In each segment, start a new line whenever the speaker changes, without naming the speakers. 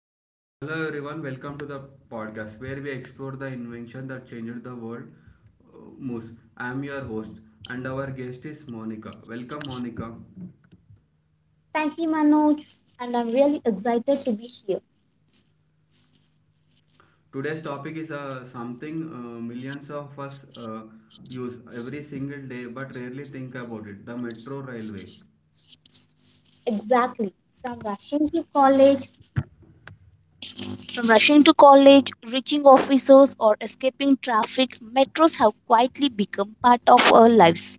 Okay. Hello everyone, welcome to the podcast where we explore the invention that changed the world. Moose, I am your host and our guest is Monica. Welcome Monica.
Thank you, Manoj. And I'm really excited to be here.
Today's topic is something millions of us use every single day but rarely think about it, the metro railway.
Exactly. From rushing to college, from rushing to college, reaching offices, or escaping traffic, metros have quietly become part of our lives.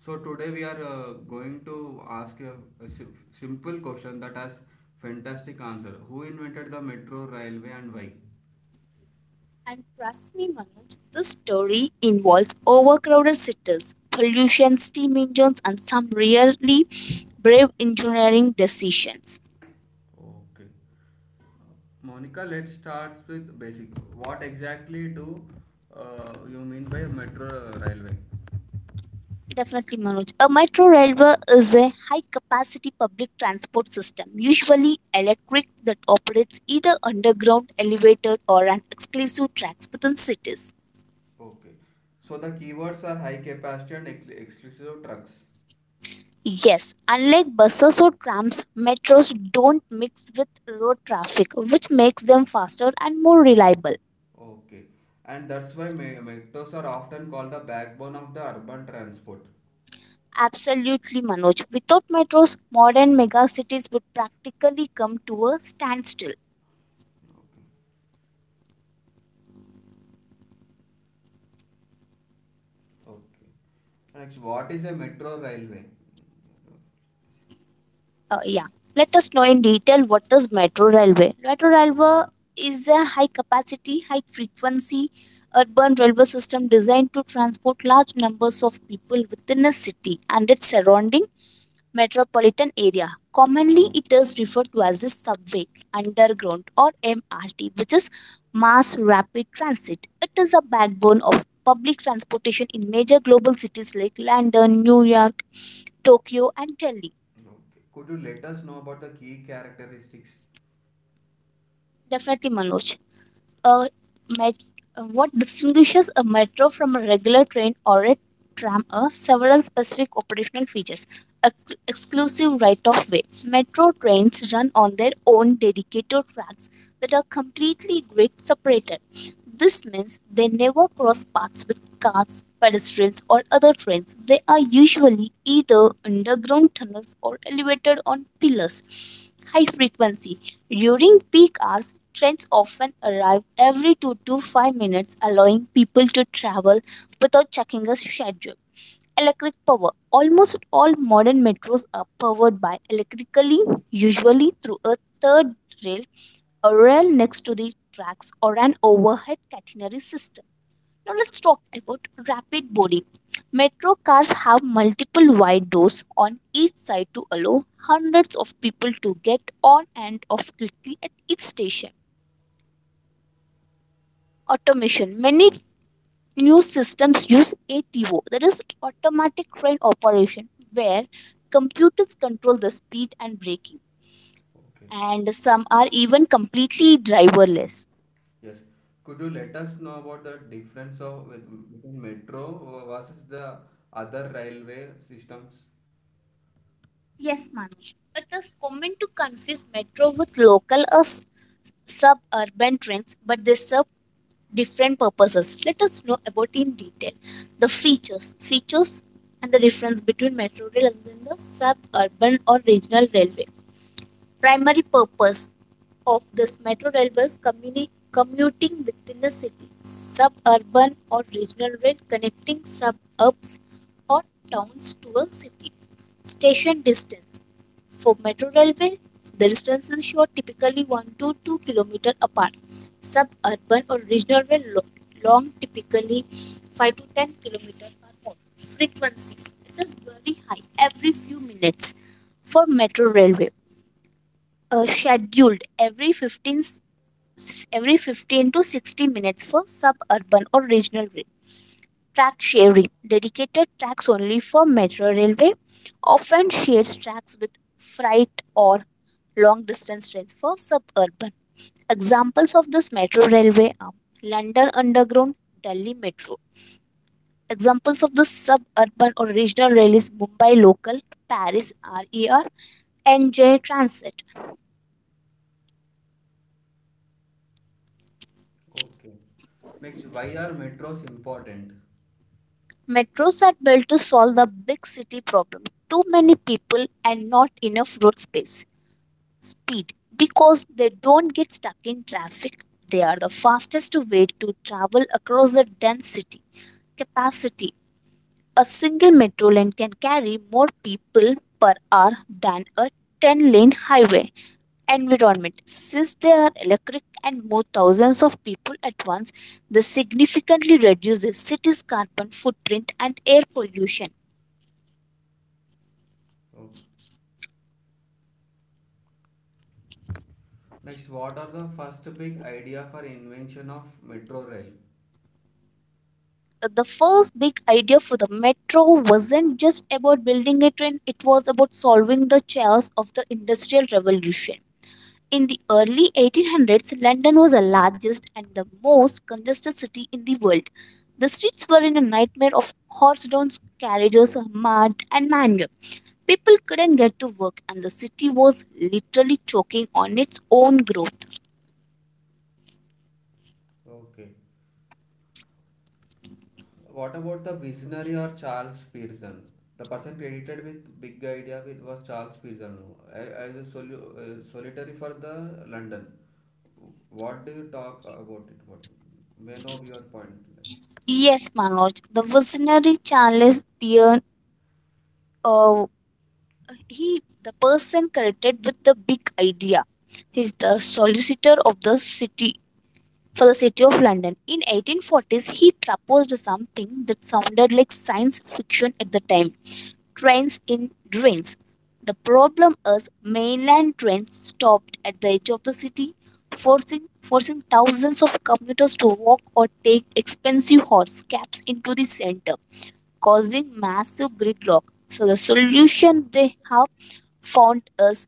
So today we are going to ask a simple question that has fantastic answer. Who invented the metro railway and why?
And trust me, Manoj, this story involves overcrowded cities, pollution, steam engines, and some really brave engineering decisions.
Okay. Monica, let's start with basic. What exactly do you mean by metro railway?
Definitely, Manoj. A metro railway is a high capacity public transport system, usually electric, that operates either underground, elevated, or on exclusive tracks within cities.
Okay. So the keywords are high capacity and exclusive trucks.
Yes, unlike buses or trams, metros don't mix with road traffic, which makes them faster and more reliable.
Okay. And that's why metros are often called the backbone of the urban transport.
Absolutely, Manoj. Without metros, modern megacities would practically come to a standstill.
Okay. Okay. And actually, what is a metro railway?
Yeah, let us know in detail what is metro railway. Metro railway is a high capacity, high frequency urban railway system designed to transport large numbers of people within a city and its surrounding metropolitan area. Commonly, it is referred to as a subway, underground, or MRT, which is mass rapid transit. It is a backbone of public transportation in major global cities like London, New York, Tokyo, and Delhi.
Okay. Could you let us know about the key characteristics?
Definitely, Manoj. a met- what distinguishes a metro from a regular train or a tram are several specific operational features. Exclusive right of way. Metro trains run on their own dedicated tracks that are completely grid separated. This means they never cross paths with cars, pedestrians, or other trains. They are usually either underground tunnels or elevated on pillars. High frequency. During peak hours, trains often arrive every 2 to 5 minutes, allowing people to travel without checking a schedule. Electric power. Almost all modern metros are powered by electrically, usually through a third rail, a rail next to the tracks, or an overhead catenary system. Now let's talk about rapid boarding. Metro cars have multiple wide doors on each side to allow hundreds of people to get on and off quickly at each station. Automation. Many new systems use ATO, that is automatic train operation, where computers control the speed and braking,
Okay.
and some are even completely driverless.
Yes. Could you let us know about the difference of between metro versus the other railway systems?
Yes, Manu. It is common to confuse metro with local or suburban trains, but they serve different purposes. Let us know about in detail the features, and the difference between metro rail and then the suburban or regional railway. Primary purpose of this metro rail was commuting within the city, suburban or regional rail connecting suburbs or towns to a city. Station distance for metro railway, the distances show typically 1 to 2 kilometers apart. Suburban or regional rail long typically 5 to 10 kilometers or more. Frequency, it is very high every few minutes for metro railway. Scheduled every 15 to 60 minutes for suburban or regional rail track sharing. Dedicated tracks only for metro railway, often shares tracks with freight or long distance trains for suburban. Examples of this metro railway are London Underground, Delhi Metro. Examples of the suburban or regional rail is Mumbai Local, Paris RER, and J Transit.
Okay. Next, why are metros important?
Metros are built to solve the big city problem. Too many people and not enough road space. Speed, because they don't get stuck in traffic. They are the fastest way to travel across a dense city. Capacity. A single metro lane can carry more people per hour than a 10-lane highway. Environment. Since they are electric and move thousands of people at once, this significantly reduces cities' carbon footprint and air pollution.
Okay. Next, what are the first big idea for invention of metro rail?
The first big idea for the metro wasn't just about building a train, it was about solving the chaos of the Industrial Revolution. In the early 1800s, London was the largest and the most congested city in the world. The streets were in a nightmare of horse-drawn carriages, mud, and manure. People couldn't get to work, and the city was literally choking on its own growth.
Okay. What about the visionary or Charles Pearson? The person credited with big idea with was Charles Pearson as a solitary for the London. What do you talk about it? What may know your point? Like
Yes, Manoj, the visionary Charles Pearson, uh, he, the person connected with the big idea, he's the solicitor of the city, for the city of London, in 1840s he proposed something that sounded like science fiction at the time. Trains in drains. The problem is mainland trains stopped at the edge of the city, forcing thousands of commuters to walk or take expensive horse cabs into the center, causing massive gridlock. So the solution they have found as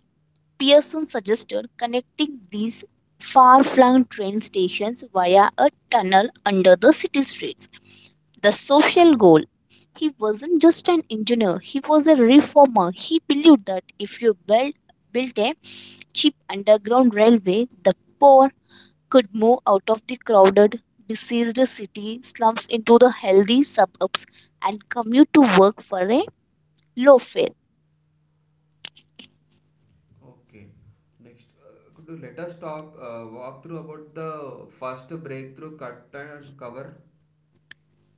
Pearson suggested, connecting these far-flung train stations via a tunnel under the city streets. The social goal. He wasn't just an engineer, he was a reformer. He believed that if you build, built a cheap underground railway, the poor could move out of the crowded, diseased city slums into the healthy suburbs and commute to work for a low fare.
okay. Next, could you let us talk walk through about the first breakthrough cut and cover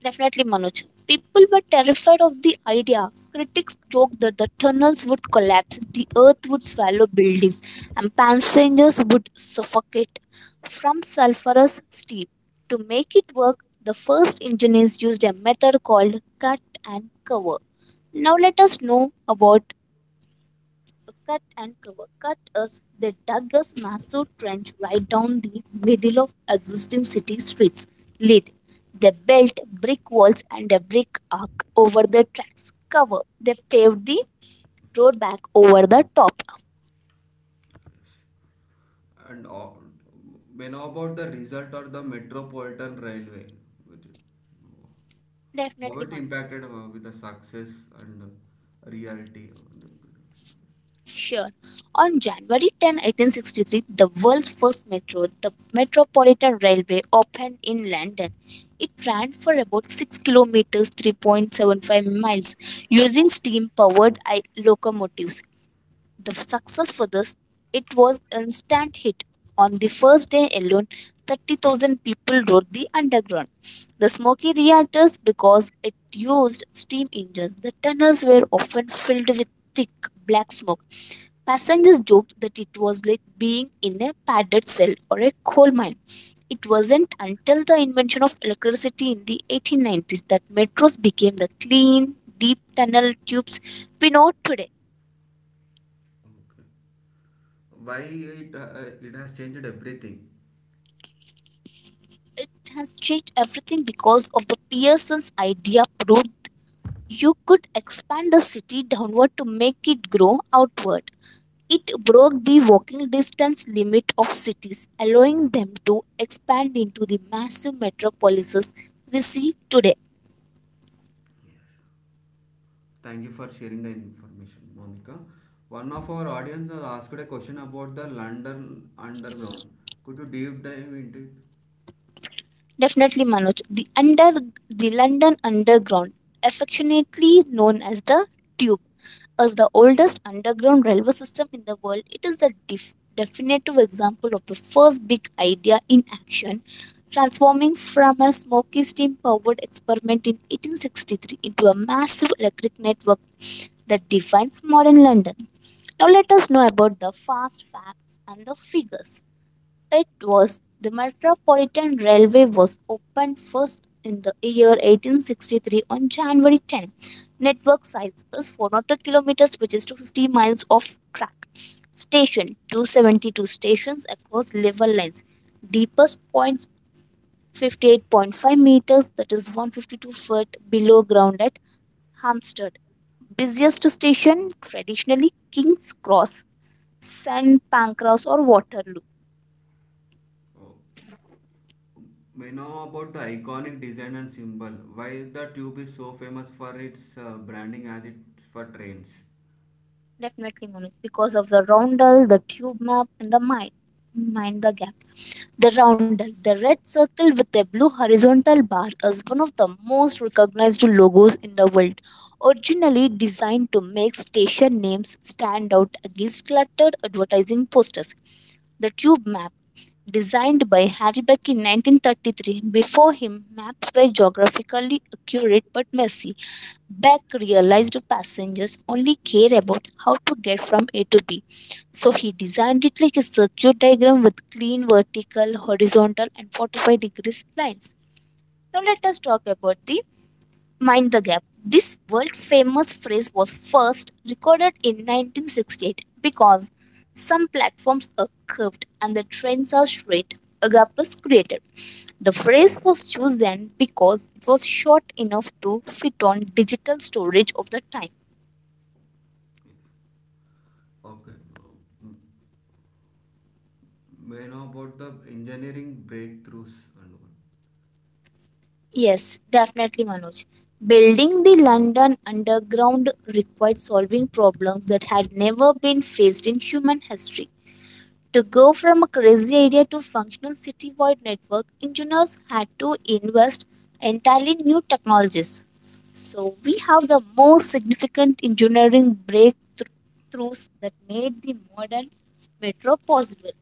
Definitely, Manoj. People were terrified of the idea. Critics joked that the tunnels would collapse, the earth would swallow buildings, and passengers would suffocate from sulfurous steam. To make it work, the first engineers used a method called cut and cover. Now, let us know about cut and cover. Cut us, they dug a massive trench right down the middle of existing city streets. Lead, they built brick walls and a brick arch over the tracks. Cover, they paved the road back over the top.
and all. May know about the result or the Metropolitan Railway. Which, how
Definitely,
it
Manoj.
impacted with the success and reality.
Sure. On January 10, 1863, the world's first metro, the Metropolitan Railway, opened in London. It ran for about 6 kilometers, 3.75 miles, using steam powered locomotives. The success for this, it was instant hit. On the first day alone, 30,000 people rode the underground. The smoky reactors, because it used steam engines, the tunnels were often filled with thick black smoke. Passengers joked that it was like being in a padded cell or a coal mine. It wasn't until the invention of electricity in the 1890s that metros became the clean, deep tunnel tubes we know today.
Okay. Why it has changed everything.
It has changed everything because of the Pearson's idea proved you could expand the city downward to make it grow outward. It broke the walking distance limit of cities, allowing them to expand into the massive metropolises we see today.
Thank you for sharing the information, Monica. One of our audience has asked a question about the London Underground. Could you deep dive into it?
Definitely, Manoj. The London Underground, affectionately known as the Tube, is the oldest underground railway system in the world. It is the definitive example of the first big idea in action, transforming from a smoky steam-powered experiment in 1863 into a massive electric network that defines modern London. Now let us know about the fast facts and the figures. It was the Metropolitan Railway was opened first in the year 1863 on January 10. Network size is 402 kilometers, which is 250 miles of track. Station 272 stations across level lines. Deepest points 58.5 meters, that is 152-foot below ground at Hampstead. Busiest station traditionally King's Cross, St Pancras, or Waterloo.
Oh. We know about the iconic design and symbol. Why the tube is so famous for its branding as it for trains?
Definitely, Monique, because of the roundel, the tube map, and the mind. Mind the gap. The roundel, the red circle with a blue horizontal bar, is one of the most recognized logos in the world. Originally designed to make station names stand out against cluttered advertising posters. The tube map, designed by Harry Beck in 1933, before him, maps were geographically accurate but messy. Beck realized passengers only care about how to get from A to B. So he designed it like a circuit diagram with clean vertical, horizontal, and 45 degrees lines. Now let us talk about the Mind the Gap. This world famous phrase was first recorded in 1968 because some platforms are curved and the trains are straight. A gap was created. The phrase was chosen because it was short enough to fit on digital storage of the time.
Okay. Um, May know about the engineering breakthroughs and all.
Yes, definitely, Manoj. Building the London Underground required solving problems that had never been faced in human history. To go from a crazy idea to functional citywide network, engineers had to invest entirely new technologies. So we have the most significant engineering breakthroughs that made the modern metro possible.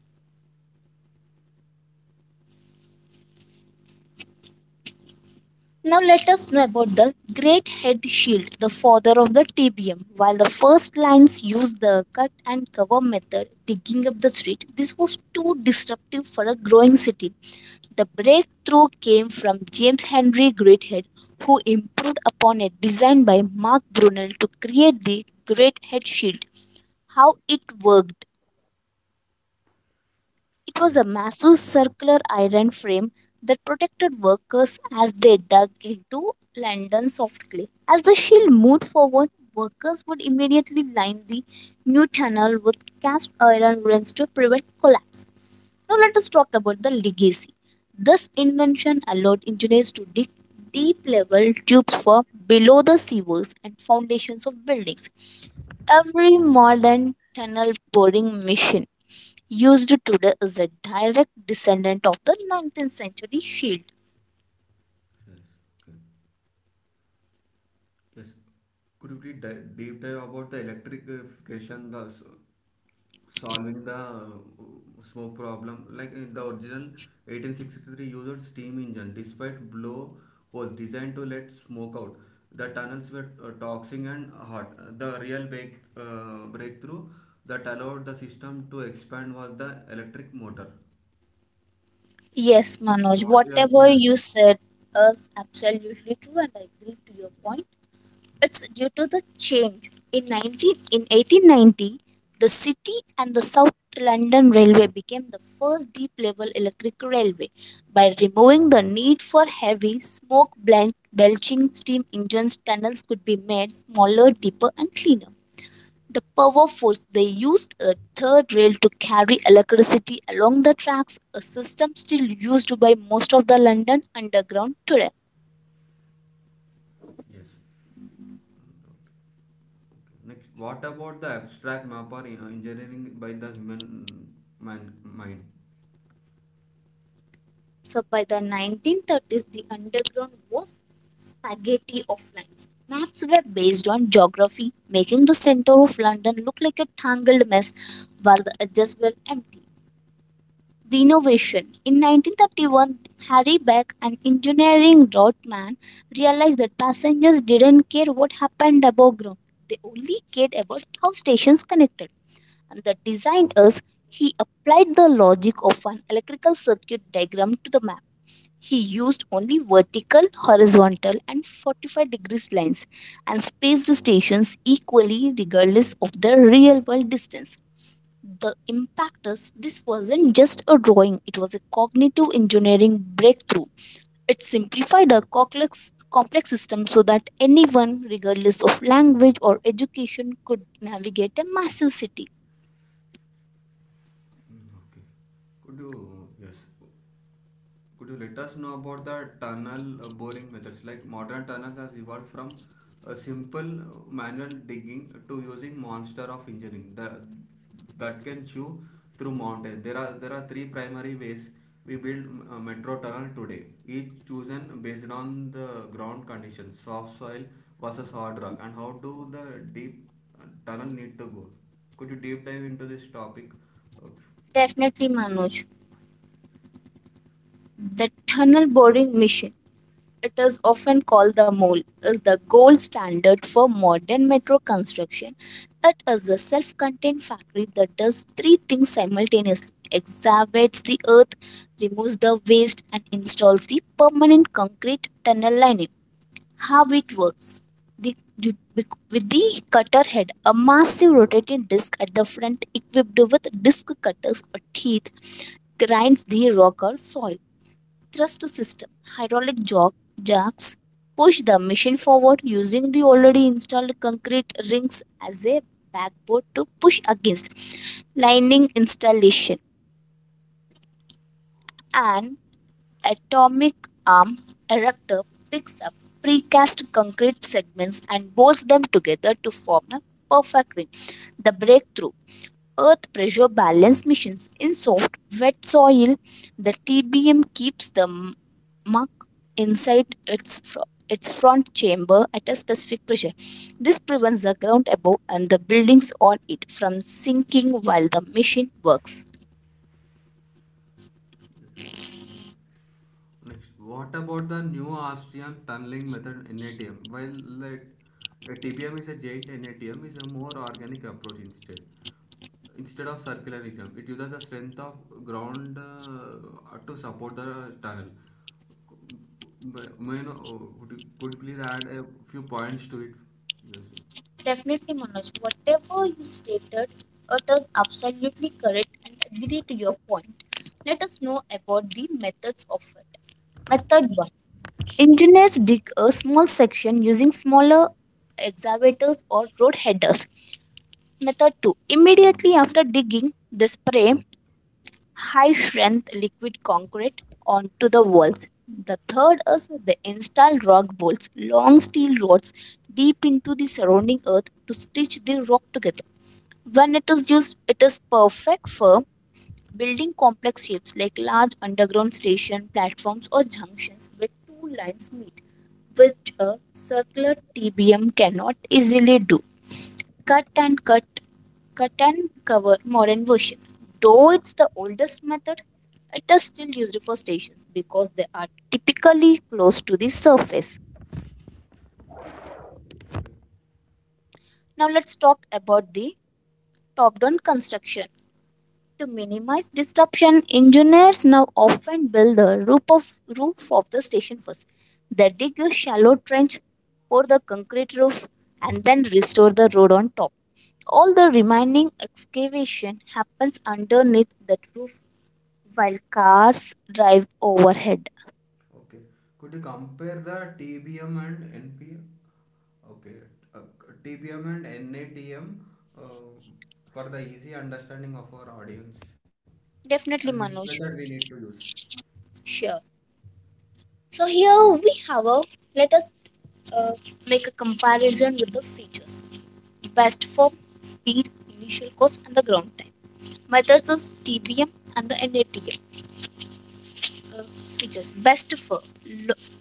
Now let us know about the Great Head Shield, the father of the TBM. While the first lines used the cut and cover method, digging up the street, this was too disruptive for a growing city. The breakthrough came from James Henry Greathead, who improved upon a design by Mark Brunel to create the Greathead Shield. How it worked. It was
Yes.
a massive circular iron frame that protected workers as they dug into London soft clay. As the shield moved forward, workers would immediately line the new tunnel with cast iron rings to prevent collapse. Now let us talk about the legacy. This invention allowed engineers to dig deep level tubes for below the sewers and foundations of buildings. Every modern tunnel boring machine used today is a direct descendant of the 19th century shield.
Yes. Okay. Yes. Could you please deep dive about the electrification, the solving the smoke problem. Like in the original 1863 used steam engine despite blow holes designed to let smoke out. The tunnels were toxic and hot. The real breakthrough that allowed the system to expand was the electric motor.
Yes,
Okay.
Manoj,
What we are,
whatever you
okay.
said is absolutely true and I agree to your point. It's due to the change. In 1890, the city and the South London Railway became the first deep level electric railway by removing the need for heavy, smoke belching steam engines. Tunnels could be made smaller, deeper, and cleaner. The power force they used a third rail to carry electricity along the tracks, a system still used by most of the London Underground today.
Yes. Okay. Okay. Next, what about the abstract map or engineering by the human mind?
So by the 1930s, the underground was spaghetti of lines. Maps were based on geography, making the center of London look like a tangled mess while the edges were empty. The innovation. In 1931, Harry Beck, an engineering roadman, realized that passengers didn't care what happened above ground. They only cared about how stations connected. And the designers, he applied the logic of an electrical circuit diagram to the map. He used only vertical, horizontal, and 45 degrees lines and spaced stations equally regardless of the real world distance. The impact is this wasn't just a drawing, it was a cognitive engineering breakthrough. It simplified a complex system so that anyone, regardless of language or education, could navigate a massive city.
Mm, okay. Could you, yes, could you let us know about the tunnel boring methods? Like modern tunnels has evolved from a simple manual digging to using monster of engineering that can chew through mountains. There are three primary ways we build metro tunnel today. Each chosen based on the ground conditions, soft soil versus hard rock, and how do the deep tunnel need to go. Could you deep dive into this topic? Uh,
Definitely, Manoj. The tunnel boring mission, it is often called the mole, is the gold standard for modern metro construction. It is a self-contained factory that does three things simultaneously: excavates the earth, removes the waste, and installs the permanent concrete tunnel lining. How it works? The, the- with the cutter head, a massive rotating disc at the front, equipped with disc cutters or teeth, grinds the rock or soil. Thrust system. Hydraulic jacks push the machine forward using the already installed concrete rings as a backboard to push against. Lining installation. An atomic arm erector picks up precast concrete segments and bolts them together to form a perfect ring. The breakthrough, earth pressure balance missions. In soft, wet soil, the TBM keeps the muck inside its, its front chamber at a specific pressure. This prevents the ground above and the buildings on it from sinking while the machine works.
Next, what about the new Austrian tunneling method NATM? Well, a TBM is a giant, NATM is a more organic approach Instead of circular it uses the strength of ground to support the tunnel. May I know, could you please add a few points to it? Yes.
Definitely, Manoj, whatever you stated, it is absolutely correct and agree to your point. Let us know about the methods of it. Method 1, engineers dig a small section using smaller excavators or road headers. Method 2, immediately after digging, they spray high strength liquid concrete onto the walls. The third is they install rock bolts, long steel rods deep into the surrounding earth to stitch the rock together. When it is used, it is perfect for building complex shapes like large underground station platforms or junctions where two lines meet, which a circular TBM cannot easily do. Cut and cut, Cut and cover modern version. Though it's the oldest method, it is still used for stations because they are typically close to the surface. Now let's talk about the top-down construction. To minimize disruption, engineers now often build the roof of the station first. They dig a shallow trench, pour the concrete roof, and then restore the road on top. All the remaining excavation happens underneath that roof while cars drive overhead.
Okay. Could you compare the TBM and NPM? Okay. Uh, TPM and NATM uh, for the easy understanding of our audience and
Definitely,
which method
Manoj.
we need to use.
Sure. So here we have a, let us uh, make a comparison with the features. Best form, speed, initial cost, and the ground time. Methods is TBM and the NATM, uh, features. Best for: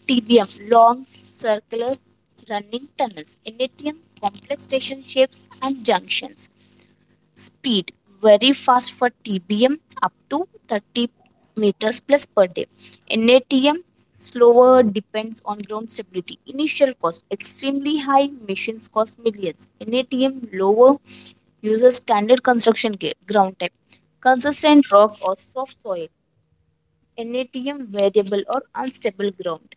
TBM long circular running tunnels. NATM complex station shapes and junctions. Speed: very fast for TBM up to 30 meters plus per day. NATM slower, depends on ground stability. Initial cost extremely high, machines cost millions. NATM lower, uses standard construction gear. Ground type: consistent rock or soft soil. NATM variable or unstable ground.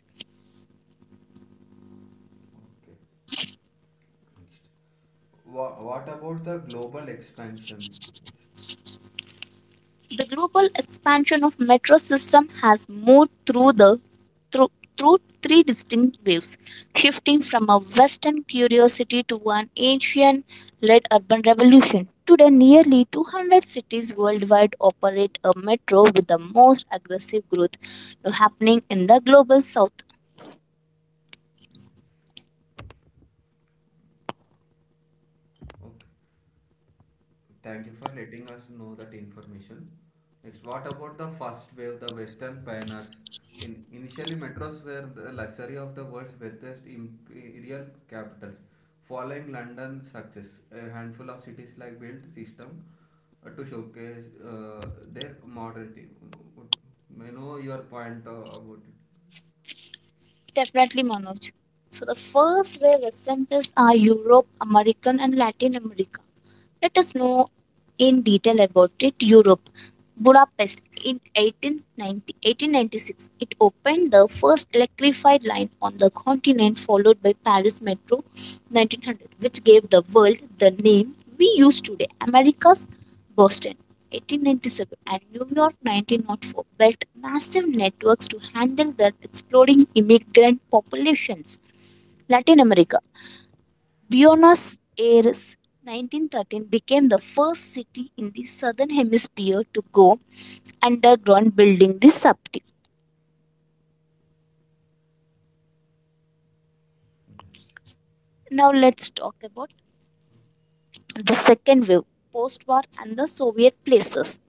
Okay. What about the global expansion?
The global expansion of metro system has moved through, through three distinct waves, shifting from a Western curiosity to an Asian-led urban revolution. Today, nearly 200 cities worldwide operate a metro, with the most aggressive growth now happening in the global south.
Okay. Thank you for letting us know that information. Next, what about the first wave, the Western pioneers? In Initially, metros were the luxury of the world's wealthiest imperial capitals. Following London's success, a handful of cities like built system to showcase their modernity. May know your point about it.
Definitely, Manoj. So the first wave Western are Europe, American, and Latin America. Let us know in detail about it. Europe, Budapest in 1896. It opened the first electrified line on the continent, followed by Paris Metro 1900, which gave the world the name we use today. America's Boston, 1897, and New York 1904 built massive networks to handle their exploding immigrant populations. Latin America, Buenos Aires 1913 became the first city in the southern hemisphere to go underground building the subway. Now let's talk about the second wave, post-war and the Soviet places.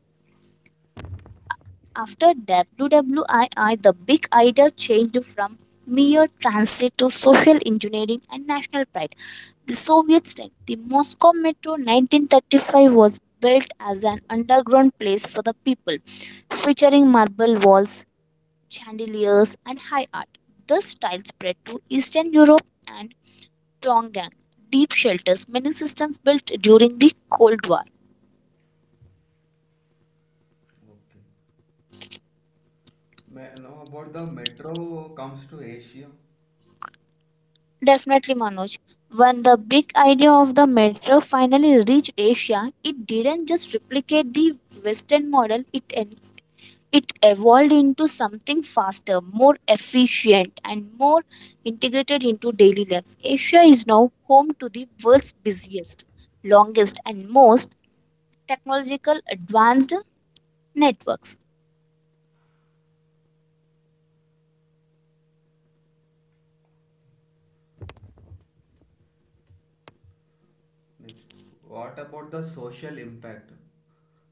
After WWII, the big idea changed from mere transit to social engineering and national pride. The Soviet style, the Moscow Metro 1935 was built as an underground place for the people, featuring marble walls, chandeliers, and high art. This style spread to Eastern Europe and Tongan deep shelters, many systems built during the Cold War.
Okay. May know about the metro comes to Asia.
Definitely, Manoj. When the big idea of the metro finally reached Asia, it didn't just replicate the Western model, it evolved into something faster, more efficient, and more integrated into daily life. Asia is now home to the world's busiest, longest, and most technological advanced networks.
Next, what about the social impact?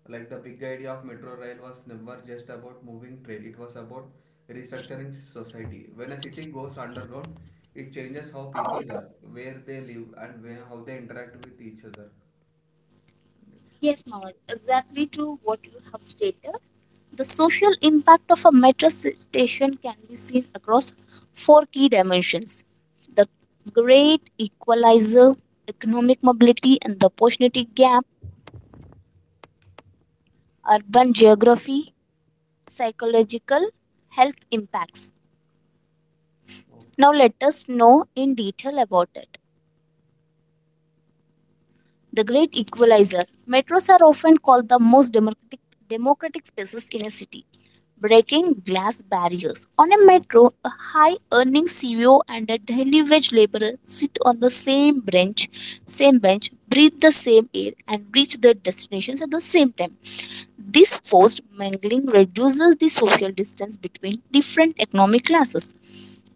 Like the big idea of metro rail was never just about moving trade, it was about restructuring society. When a city goes underground, it changes how people work, where they live, and how they interact with each other. Next,
Yes, Manoj, exactly true what you have stated. The social impact of a metro station can be seen across four key dimensions. The great equalizer, economic mobility and the opportunity gap, urban geography, psychological health impacts.
okay,
Now let us know in detail about it. The great equalizer. Metros are often called the most democratic spaces in a city. Breaking glass barriers. On a metro, a high earning CEO and a daily wage laborer sit on the same bench, breathe the same air, and reach their destinations at the same time. This forced mingling reduces the social distance between different economic classes.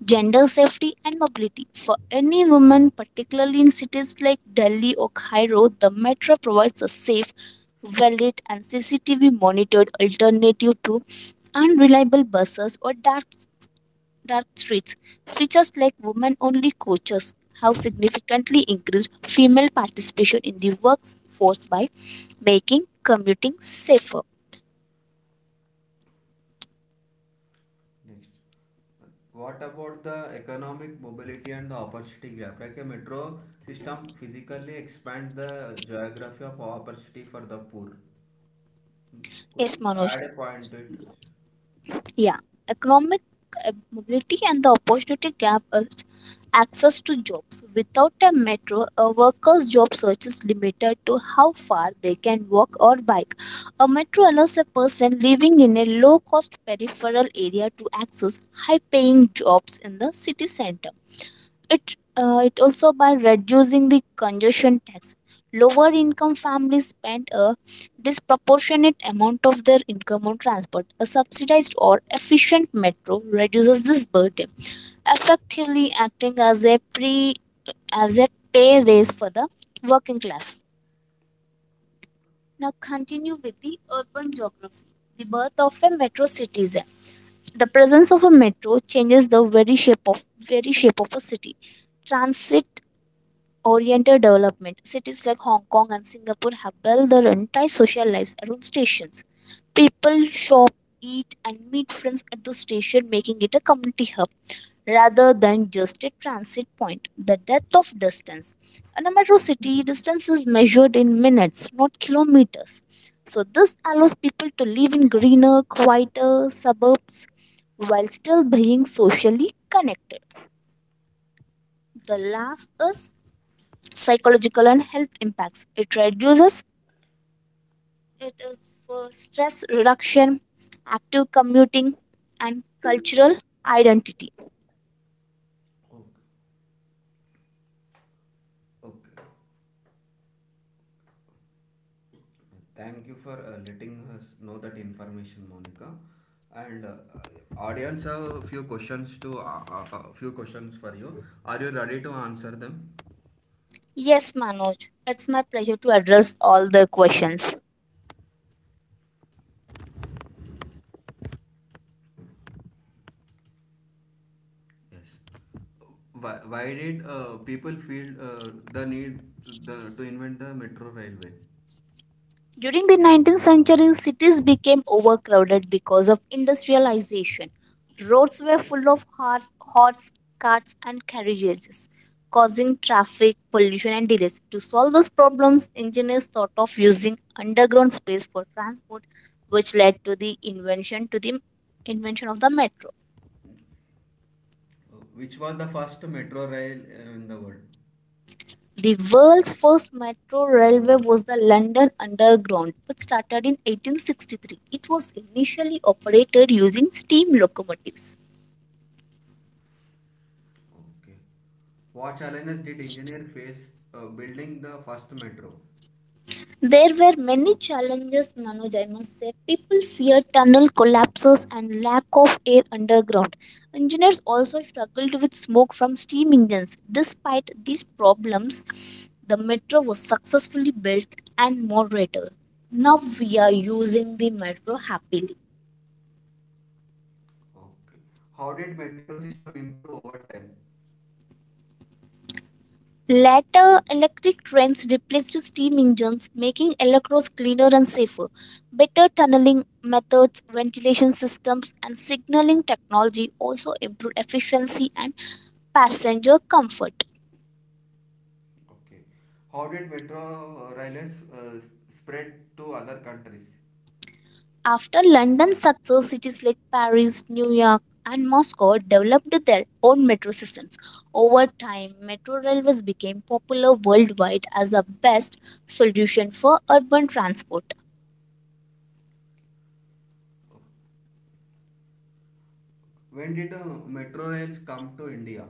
Gender safety and mobility. For any woman, particularly in cities like Delhi or Cairo, the metro provides a safe, well-lit and CCTV monitored alternative to unreliable buses or dark streets. Features like women-only coaches have significantly increased female participation in the workforce by making commuting safer.
next. What about the economic mobility and the opportunity gap? Like a metro system physically expand the geography of opportunity for the poor. Could
Yes,
you
Manoj.
add a point to it?
Yeah, economic mobility and the opportunity gap is access to jobs. Without a metro, a worker's job search is limited to how far they can walk or bike. A metro allows a person living in a low cost peripheral area to access high paying jobs in the city center. It it also, by reducing the congestion tax, lower income families spend a disproportionate amount of their income on transport. A subsidized or efficient metro reduces this burden, effectively acting as a pre as a pay raise for the working class. Now continue with the urban geography, the birth of a metro citizen. The presence of a metro changes the very shape of a city. Transit oriented development. Cities like Hong Kong and Singapore have built their entire social lives around stations. People shop, eat, and meet friends at the station, making it a community hub rather than just a transit point. The depth of distance. In a metro city, distance is measured in minutes, not kilometers. So, this allows people to live in greener, quieter suburbs while still being socially connected. The last is psychological and health impacts. It reduces, it is for stress reduction, active commuting, and cultural identity.
Okay. Okay. Thank you for letting us know that information, Monica. And audience have a few questions to few questions for you. Are you ready to answer them?
Yes, Manoj, it's my pleasure to address all the questions.
Yes. Why did people feel the need to invent the metro railway?
During the 19th century, cities became overcrowded because of industrialization. Roads were full of horse carts, and carriages, causing traffic, pollution, and delays. To solve those problems, engineers thought of using underground space for transport, which led to the invention of the metro.
Which was the first metro rail in the world?
The world's first metro railway was the London Underground, which started in 1863. It was initially operated using steam locomotives.
Okay. What challenges did engineer face building the first metro?
There were many challenges, Manoj, I must say. People feared tunnel collapses and lack of air underground. Engineers also struggled with smoke from steam engines. Despite these problems, the metro was successfully built and more later. Now we are using the metro happily.
Okay. How did metro system improve over time?
Later, electric trains replaced steam engines, making Alacross cleaner and safer. Better tunneling methods, ventilation systems, and signaling technology also improved efficiency and passenger comfort.
Okay. How did metro rails spread to other countries?
After London's success, cities like Paris, New York, and Moscow developed their own metro systems. Over time, metro railways became popular worldwide as a best solution for urban transport.
When did metro rails come to India?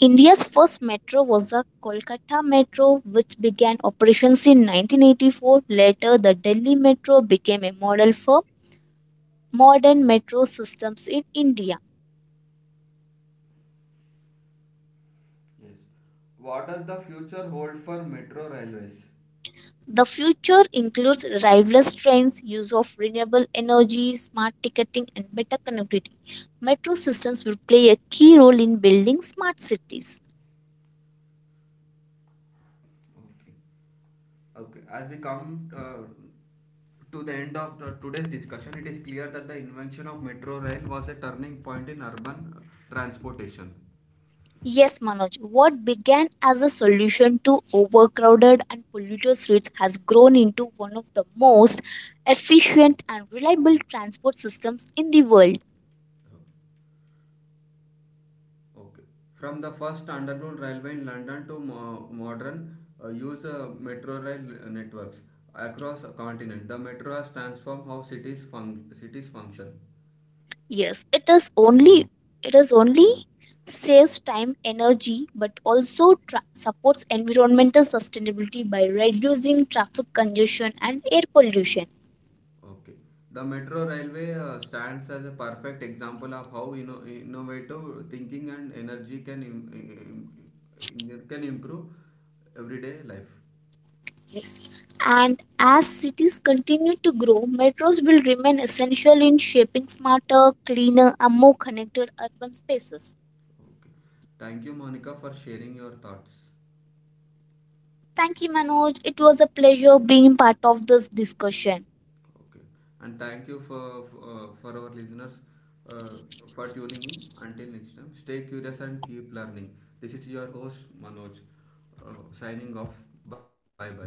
India's first metro was the Kolkata Metro, which began operations in 1984. Later, the Delhi Metro became a model for modern metro systems in India.
Yes. What does the future hold for metro railways?
The future includes driverless trains, use of renewable energy, smart ticketing, and better connectivity. Metro systems will play a key role in building smart cities.
Okay. Okay, as we come to the end of today's discussion, it is clear that the invention of metro rail was a turning point in urban transportation.
Yes, Manoj, what began as a solution to overcrowded and polluted streets has grown into one of the most efficient and reliable transport systems in the world.
Okay. Okay. From the first underground railway in London to modern use metro rail networks across a continent. The metro has transformed how cities function.
Yes, it is only saves time, energy, but also supports environmental sustainability by reducing traffic congestion and air pollution.
Okay. The metro railway stands as a perfect example of how innovative thinking and energy can improve everyday life.
Cities. And as cities continue to grow, metros will remain essential in shaping smarter, cleaner, and more connected urban spaces.
Okay. Thank you, Monica, for sharing your thoughts.
Thank you, Manoj. It was a pleasure being part of this discussion.
Okay. And thank you for our listeners uh, for tuning in. Until next time, stay curious and keep learning. This is your host Manoj, signing off. Bye bye.